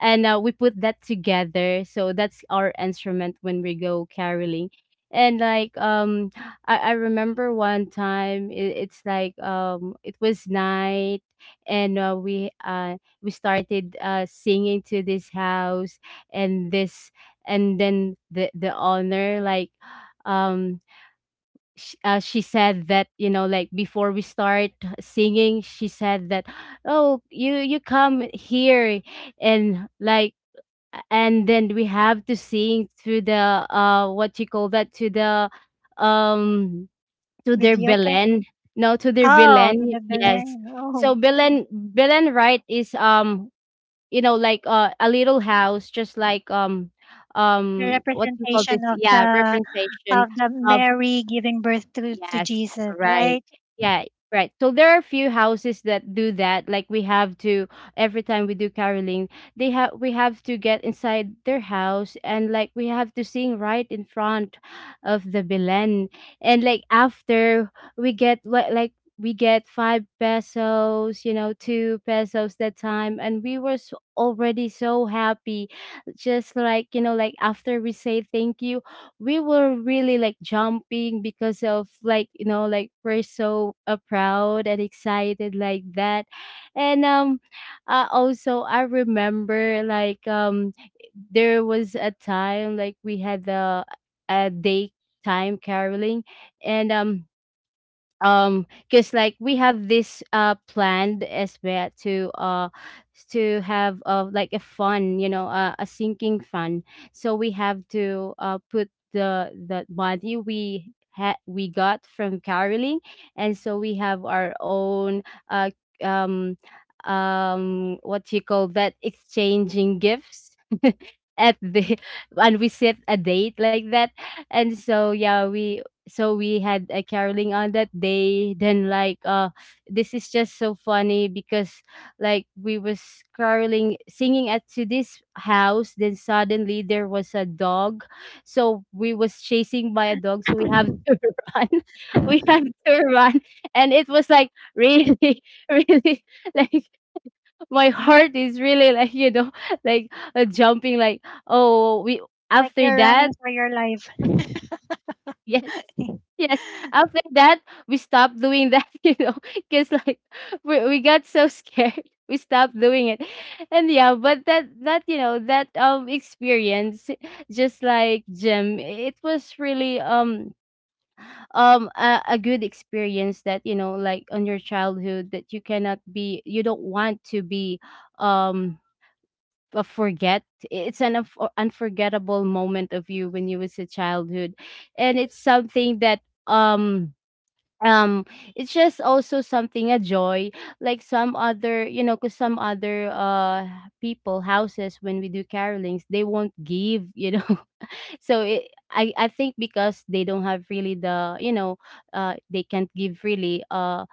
and we put that together, so that's our instrument when we go caroling. And like, I remember one time, it's like, it was night, and we started singing to this house. And this and then the owner, like, um she said that, like, before we start singing, she said that, oh, you come here. And like, and then we have to sing to the, what you call that, to the um to their Videoke. Belen. No, to their Oh, to Belen. the Yes. Belen. Oh, So Belen, right, is like, a little house, just like, the what you call this, representation of yeah, representation the of. Mary giving birth to Yes, Jesus, right. right? Yeah, right. So there are a few houses that do that. Like, we have to, every time we do caroling, they have we have to get inside their house, and like we have to sing right in front of the Belen. And like, after we get what like we get five pesos, two pesos that time, and we were, so already so happy. Just like, like, after we say thank you, we were really, like, jumping because of like, like, we're so, proud and excited like that. And also, I remember, like, there was a time, like, we had the, a day time caroling, and because, like, we have this planned as well, to, to have, like, a fun, a sinking fun. So we have to, put the money we had, we got from caroling. And so we have our own, uh um what you call that, exchanging gifts [laughs] at the. [laughs] And we set a date like that, and so yeah, we so we had a caroling on that day, then, like, this is just so funny because, like, we was caroling, singing at to this house, then suddenly there was a dog. So we was chasing by a dog, so we have to [laughs] run. [laughs] We have to run, and it was like, really, [laughs] really, like, my heart is really, like, [laughs] like, jumping, like, oh, we Like after you're running that. for your life. [laughs] Yes. Yes. After that, we stopped doing that, [laughs] because like, we got so scared. [laughs] We stopped doing it. And yeah, but that, experience, just like Jim, it was really, a good experience that, like, on your childhood, that you cannot be, you don't want to be um forget. It's an unforgettable moment of you when you was a childhood, and it's something that, um um it's just also something, a joy, like some other, because some other, people houses, when we do carolings, they won't give. [laughs] So it, I think, because they don't have really the, they can't give really, uh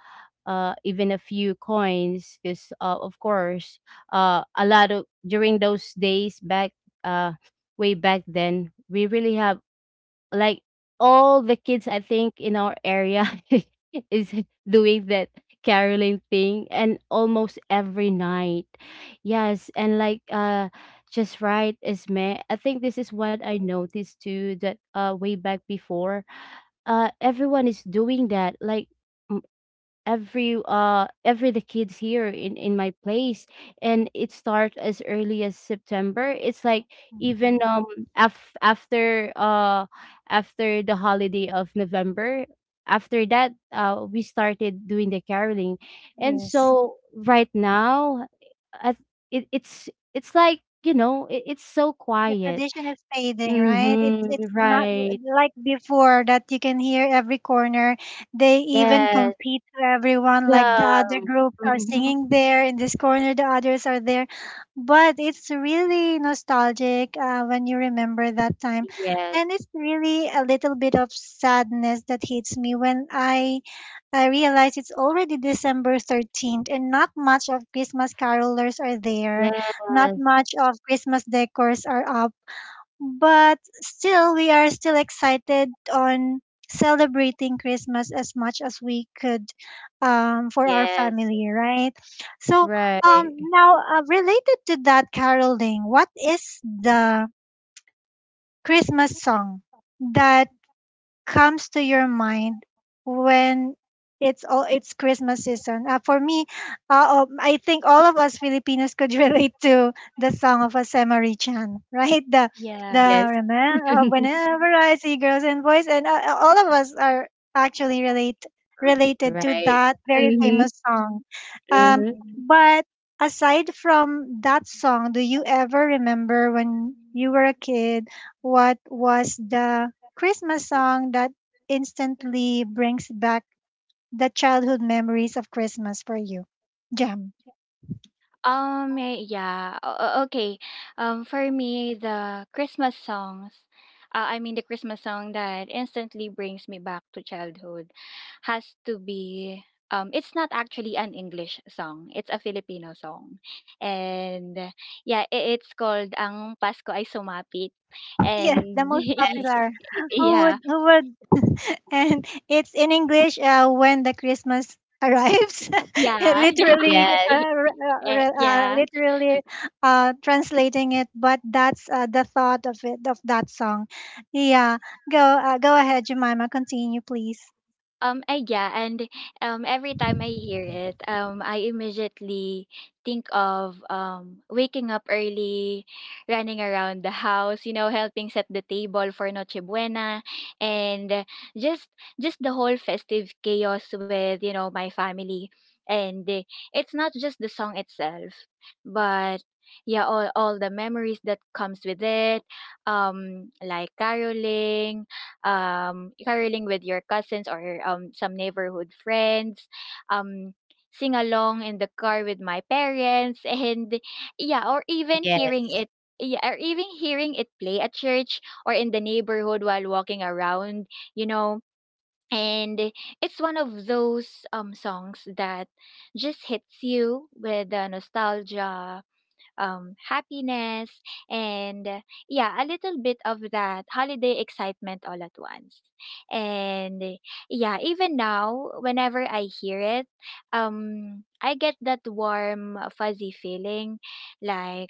uh, even a few coins, because, of course, a lot of during those days back, uh, way back then, we really have, like, all the kids I think in our area [laughs] is doing that caroling thing, and almost every night. Yes, and like, just right is me, I think this is what I noticed too, that way back before, everyone is doing that, like, every the kids here in my place, and it starts as early as September. It's like, even, Mhm. Af- after uh after the holiday of November. After that, we started doing the caroling. And Yes. so right now, I, it, it's like, it's so The quiet. tradition is fading, right? Mm-hmm. It's not Right. like before, that you can hear every corner. They even Yes. compete to everyone. Like the Yeah. other groups are Mm-hmm. singing there in this corner, the others are there. But it's really nostalgic when you remember that time, Yes. and it's really a little bit of sadness that hits me when I realize it's already December 13th, and not much of Christmas carolers are there. Not Yes. much of Christmas decors are up, but still we are still excited on celebrating Christmas as much as we could, for our Yes. family, right? So um, Right. now, related to that, caroling, what is the Christmas song that comes to your mind when it's Christmas season? For me, I think all of us Filipinos could [laughs] relate to the song of Asemari Chan, [laughs] right? The Yeah. the Yes. remember, whenever I see girls and boys, and all of us are actually relate r- related to Right. that very Mm-hmm. famous song. Um, Mm-hmm. Hmm. but aside from that song, do you ever remember when you were a kid? What was the Christmas song that instantly brings back the childhood memories of Christmas for you? Jam. [laughs] Yeah. Okay. For me, the Christmas songs, I mean the Christmas song that instantly brings me back to childhood, has to be. It's not actually an English song. It's a Filipino song, and yeah, it's called "Ang Pasko Ay Sumapit," Yes, the and most popular. [laughs] [laughs] Who yeah, would who would [laughs] and it's in English, when the Christmas arrives. [laughs] It yeah, [laughs] yeah, literally Yes. ate, yeah. literally translating it, but that's the thought of it, of that song. Yeah, go ahead, Jemima. Continue, please. Yeah, and every time I hear it, I immediately think of waking up early, running around the house, you know, helping set the table for Noche Buena, and just just the whole festive chaos with, you know, my family. And it's not just the song itself, but yeah, all the memories that comes with it, um, like caroling um, caroling with your cousins or some neighborhood friends, um, sing along in the car with my parents, [laughs] and yeah, or even hearing Yes. it. Yeah, or even hearing it play at church or in the neighborhood while walking around, you know. And it's one of those songs that just hits you with the nostalgia, happiness, and yeah, a little bit of that holiday excitement all at once. And yeah, even now, whenever I hear it, I get that warm, fuzzy feeling, like,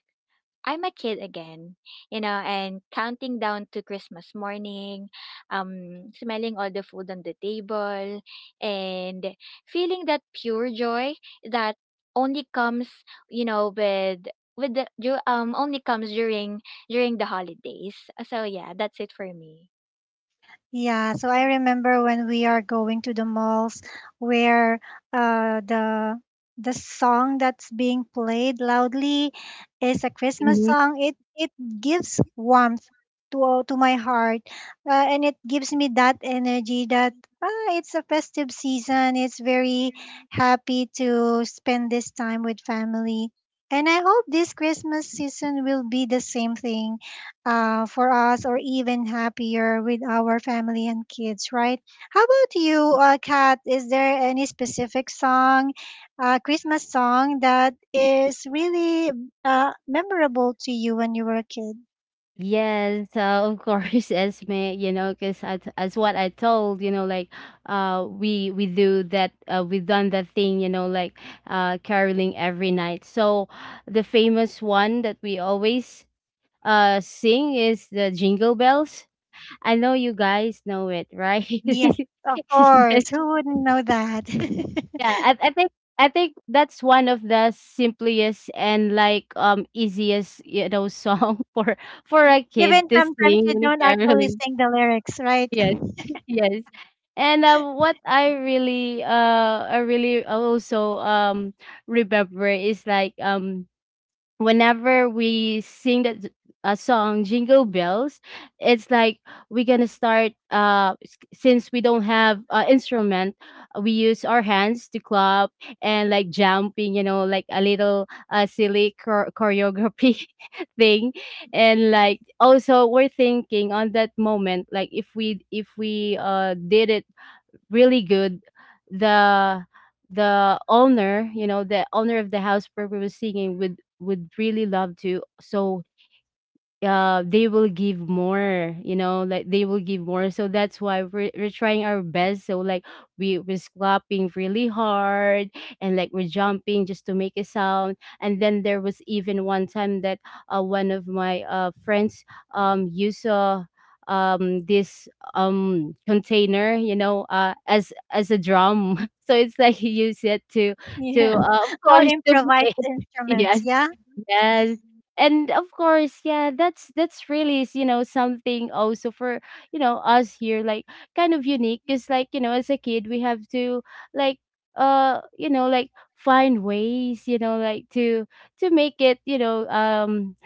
I'm a kid again, you know, and counting down to Christmas morning, smelling all the food on the table, and feeling that pure joy that only comes, you know, with the du- only comes during during the holidays. So yeah, that's it for me. Yeah, so I remember when we are going to the malls where, the song that's being played loudly is a Christmas Mm-hmm. song. It gives warmth to my heart, and it gives me that energy that, ah, it's a festive season. It's very happy to spend this time with family, and I hope this Christmas season will be the same thing for us, or even happier with our family and kids, right? How about you, Kat? Is there any specific song, Christmas song that is really memorable to you when you were a kid? Yes, of course, [laughs] Esme, because, as what I told, like, we do that, we've done that thing, like, caroling every night. So the famous one that we always sing is the Jingle Bells. [laughs] I know you guys know it, right? [laughs] Yes, of Yes. course. Who wouldn't know that? [laughs] Yeah, I think that's one of the simplest and, like, easiest, song [laughs] for a kid Even to sometimes sing you when don't actually caroling. sing the lyrics, right? Yes, [laughs] [laughs] yes. And what I really also remember is like whenever we sing that, a song Jingle Bells, it's like we're gonna start since we don't have instrument. We use our hands to clap and like jumping, you know, like a little silly choreography [laughs] thing. And like also we're thinking on that moment like if we if we did it really good. The the owner, you know, the owner of the house where we were singing would really love to. So they will give more, you know, like they will give more, so that's why we're trying our best. So like we're clapping really hard and like we're jumping just to make a sound. And then there was even one time that one of my friends used this container, you know, as a drum [laughs] so it's like he used it Yeah. to of All course to play. improvised [laughs] instruments, Yes. yeah? Yes. And of course, yeah, that's really, you know, something also for, you know, us here like kind of unique, cuz like, you know, as a kid we have to like you know, like find ways, you know, like to make it, you know,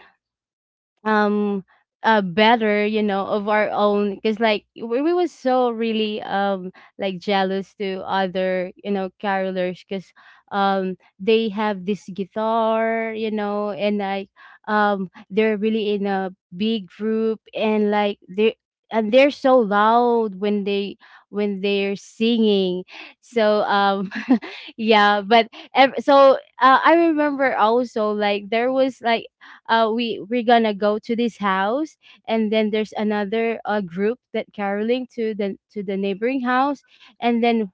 um uh better, you know, of our own, because like we was so really like jealous to other, you know, carolers, because they have this guitar, you know, and like they're really in a big group and like they and they're so loud when they when they're singing. So [laughs] yeah, but so I remember also like there was like we we're gonna go to this house, and then there's another group that caroling to the neighboring house. And then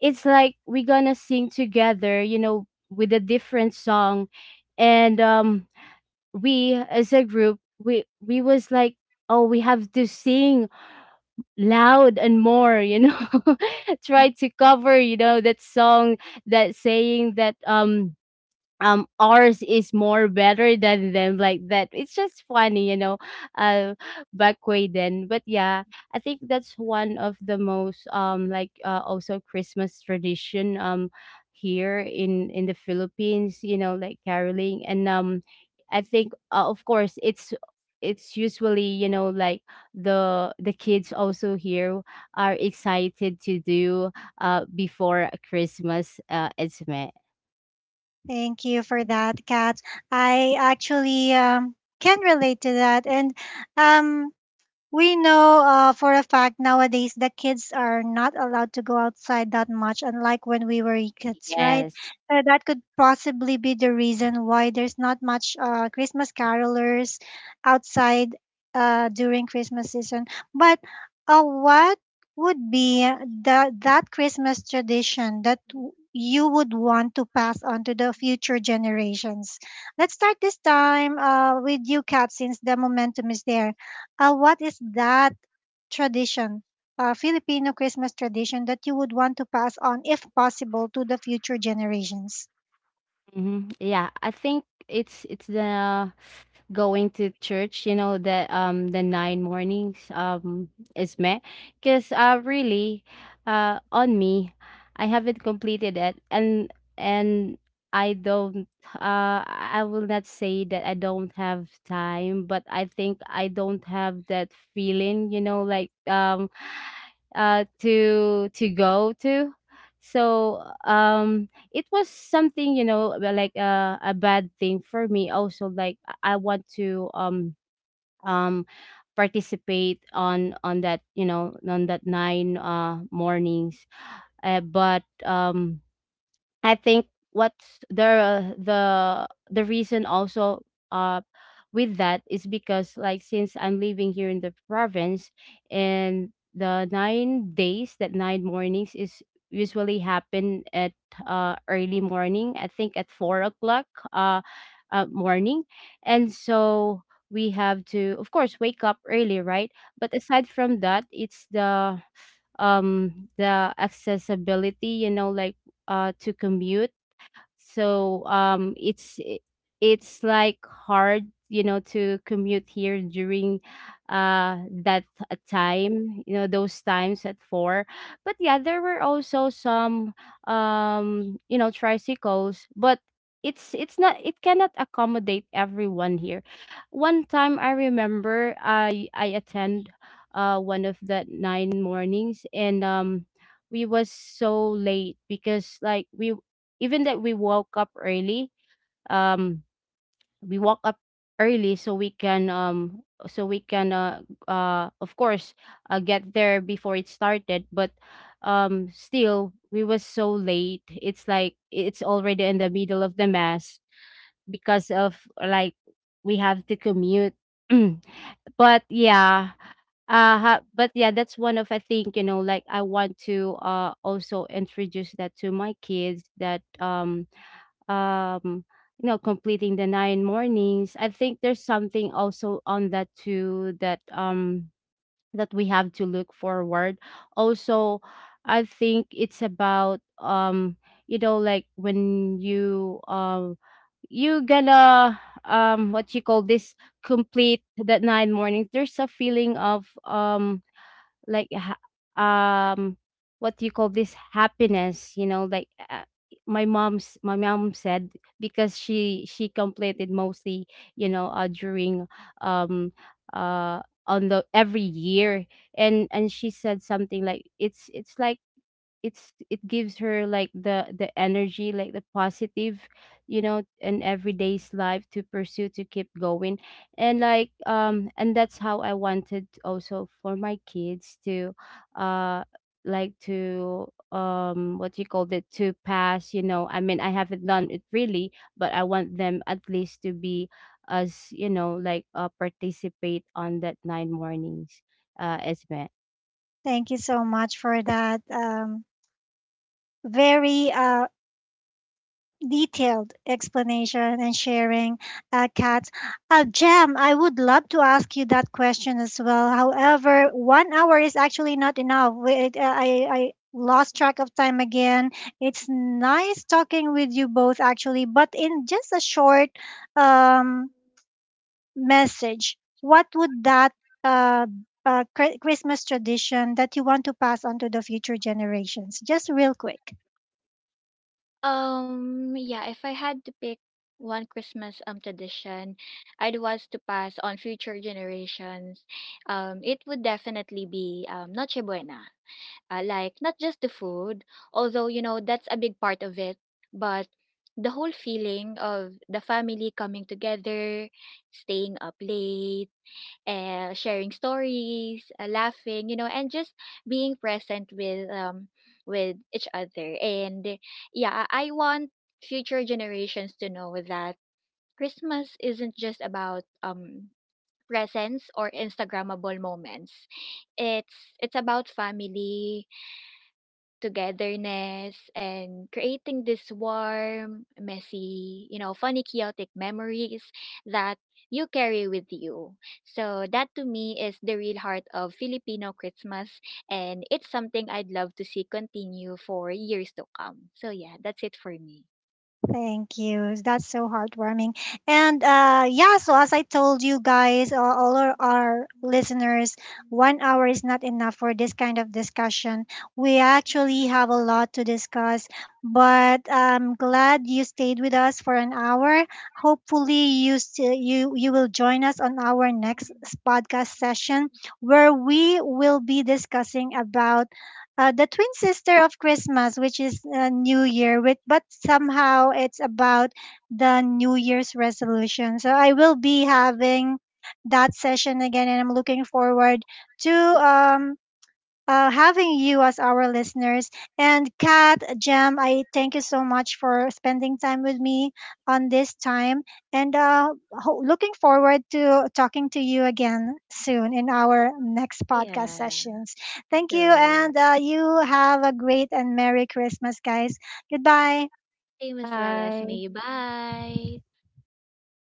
it's like we're gonna sing together, you know, with a different song. And we as a group, we was like, oh, we have to sing loud and more, you know. [laughs] Try to cover, you know, that song, that saying that ours is more better than them like that. It's just funny, you know. uh Back way then, but yeah, I think that's one of the most like also Christmas tradition here in the Philippines, you know, like caroling. And I think of course it's usually, you know, like the kids also here are excited to do before Christmas. It's met. Thank you for that, Kat. I actually can relate to that, and um, we know for a fact nowadays the kids are not allowed to go outside that much, unlike when we were kids, right? Yes. So that could possibly be the reason why there's not much Christmas carolers outside during Christmas season. But what would be that Christmas tradition that you would want to pass on to the future generations? Let's start this time with you, Kat, since the momentum is there. What is that tradition, Filipino Christmas tradition, that you would want to pass on, if possible, to the future generations? Mhm. Yeah, I think it's the going to church, you know, the nine mornings is me, because really on me, I haven't completed it. And and I don't, I will not say that I don't have time, but I think I don't have that feeling, you know, like to go to. So it was something, you know, well, like a bad thing for me also. Like I want to um participate on that, you know, on that nine mornings. But I think what's the the reason also uh with that is because like since I'm living here in the province, and the 9 days that nine mornings is usually happen at early morning, I think at 4 o'clock uh, morning. And so we have to of course wake up early, right? But aside from that, it's the accessibility, you know, like to commute. So it's it's like hard, you know, to commute here during that time, you know, those times at four. But yeah, there were also some you know, tricycles, but it's not, it cannot accommodate everyone here. One time I remember I attend one of the nine mornings, and we was so late because like we, even that we woke up early, um we woke up early so we can of course get there before it started. But still we was so late, it's like it's already in the middle of the mass, because of like we have to commute. [clears throat] But yeah, but yeah, that's one of, I think, you know, like I want to also introduce that to my kids, that um you know, completing the nine mornings, I think there's something also on that too, that that we have to look forward also. I think it's about you know, like when you you gonna what you call this, complete that nine mornings, there's a feeling of like um what do you call this, happiness, you know, like my mom's my mom said, because she completed mostly, you know, during um uh on the every year. And she said something like, it's like, it's it gives her like the energy, like the positive, you know, in everyday's life, to pursue, to keep going. And like and that's how I wanted also for my kids to uh like to what do you call it, to pass, you know. I mean, I haven't done it really, but I want them at least to be, as you know, like participate on that nine mornings. Esme, Thank you so much for that very detailed explanation and sharing, Kat. Jem, I would love to ask you that question as well. However, 1 hour is actually not enough. Wait, I lost track of time again. It's nice talking with you both, actually, but in just a short um, message, what would that uh, Christmas tradition that you want to pass on to the future generations? Just real quick. Yeah, if I had to pick one Christmas tradition I'd want to pass on future generations, it would definitely be Noche Buena. Like not just the food, although, you know, that's a big part of it, but the whole feeling of the family coming together, staying up late, sharing stories, laughing, you know, and just being present with each other. And yeah, I want future generations to know that Christmas isn't just about presents or instagrammable moments. It's about family, togetherness, and creating this warm, messy, you know, funny, chaotic memories that you carry with you. So that to me is the real heart of Filipino Christmas, and it's something I'd love to see continue for years to come. So yeah, that's it for me. Thank you. That's so heartwarming. And yeah, so as I told you guys, all our listeners, 1 hour is not enough for this kind of discussion. We actually have a lot to discuss, but I'm glad you stayed with us for an hour. Hopefully, you still, you will join us on our next podcast session where we will be discussing about the twin sister of Christmas, which is New Year, with, but somehow it's about the New Year's resolution. So I will be having that session again, and I'm looking forward to having you as our listeners. And Kat, Jam, I thank you so much for spending time with me on this time. And looking forward to talking to you again soon in our next podcast Yeah, sessions. Thank you. sure. And you have a great and Merry Christmas, guys. Goodbye. Same as well as bye. me. Bye.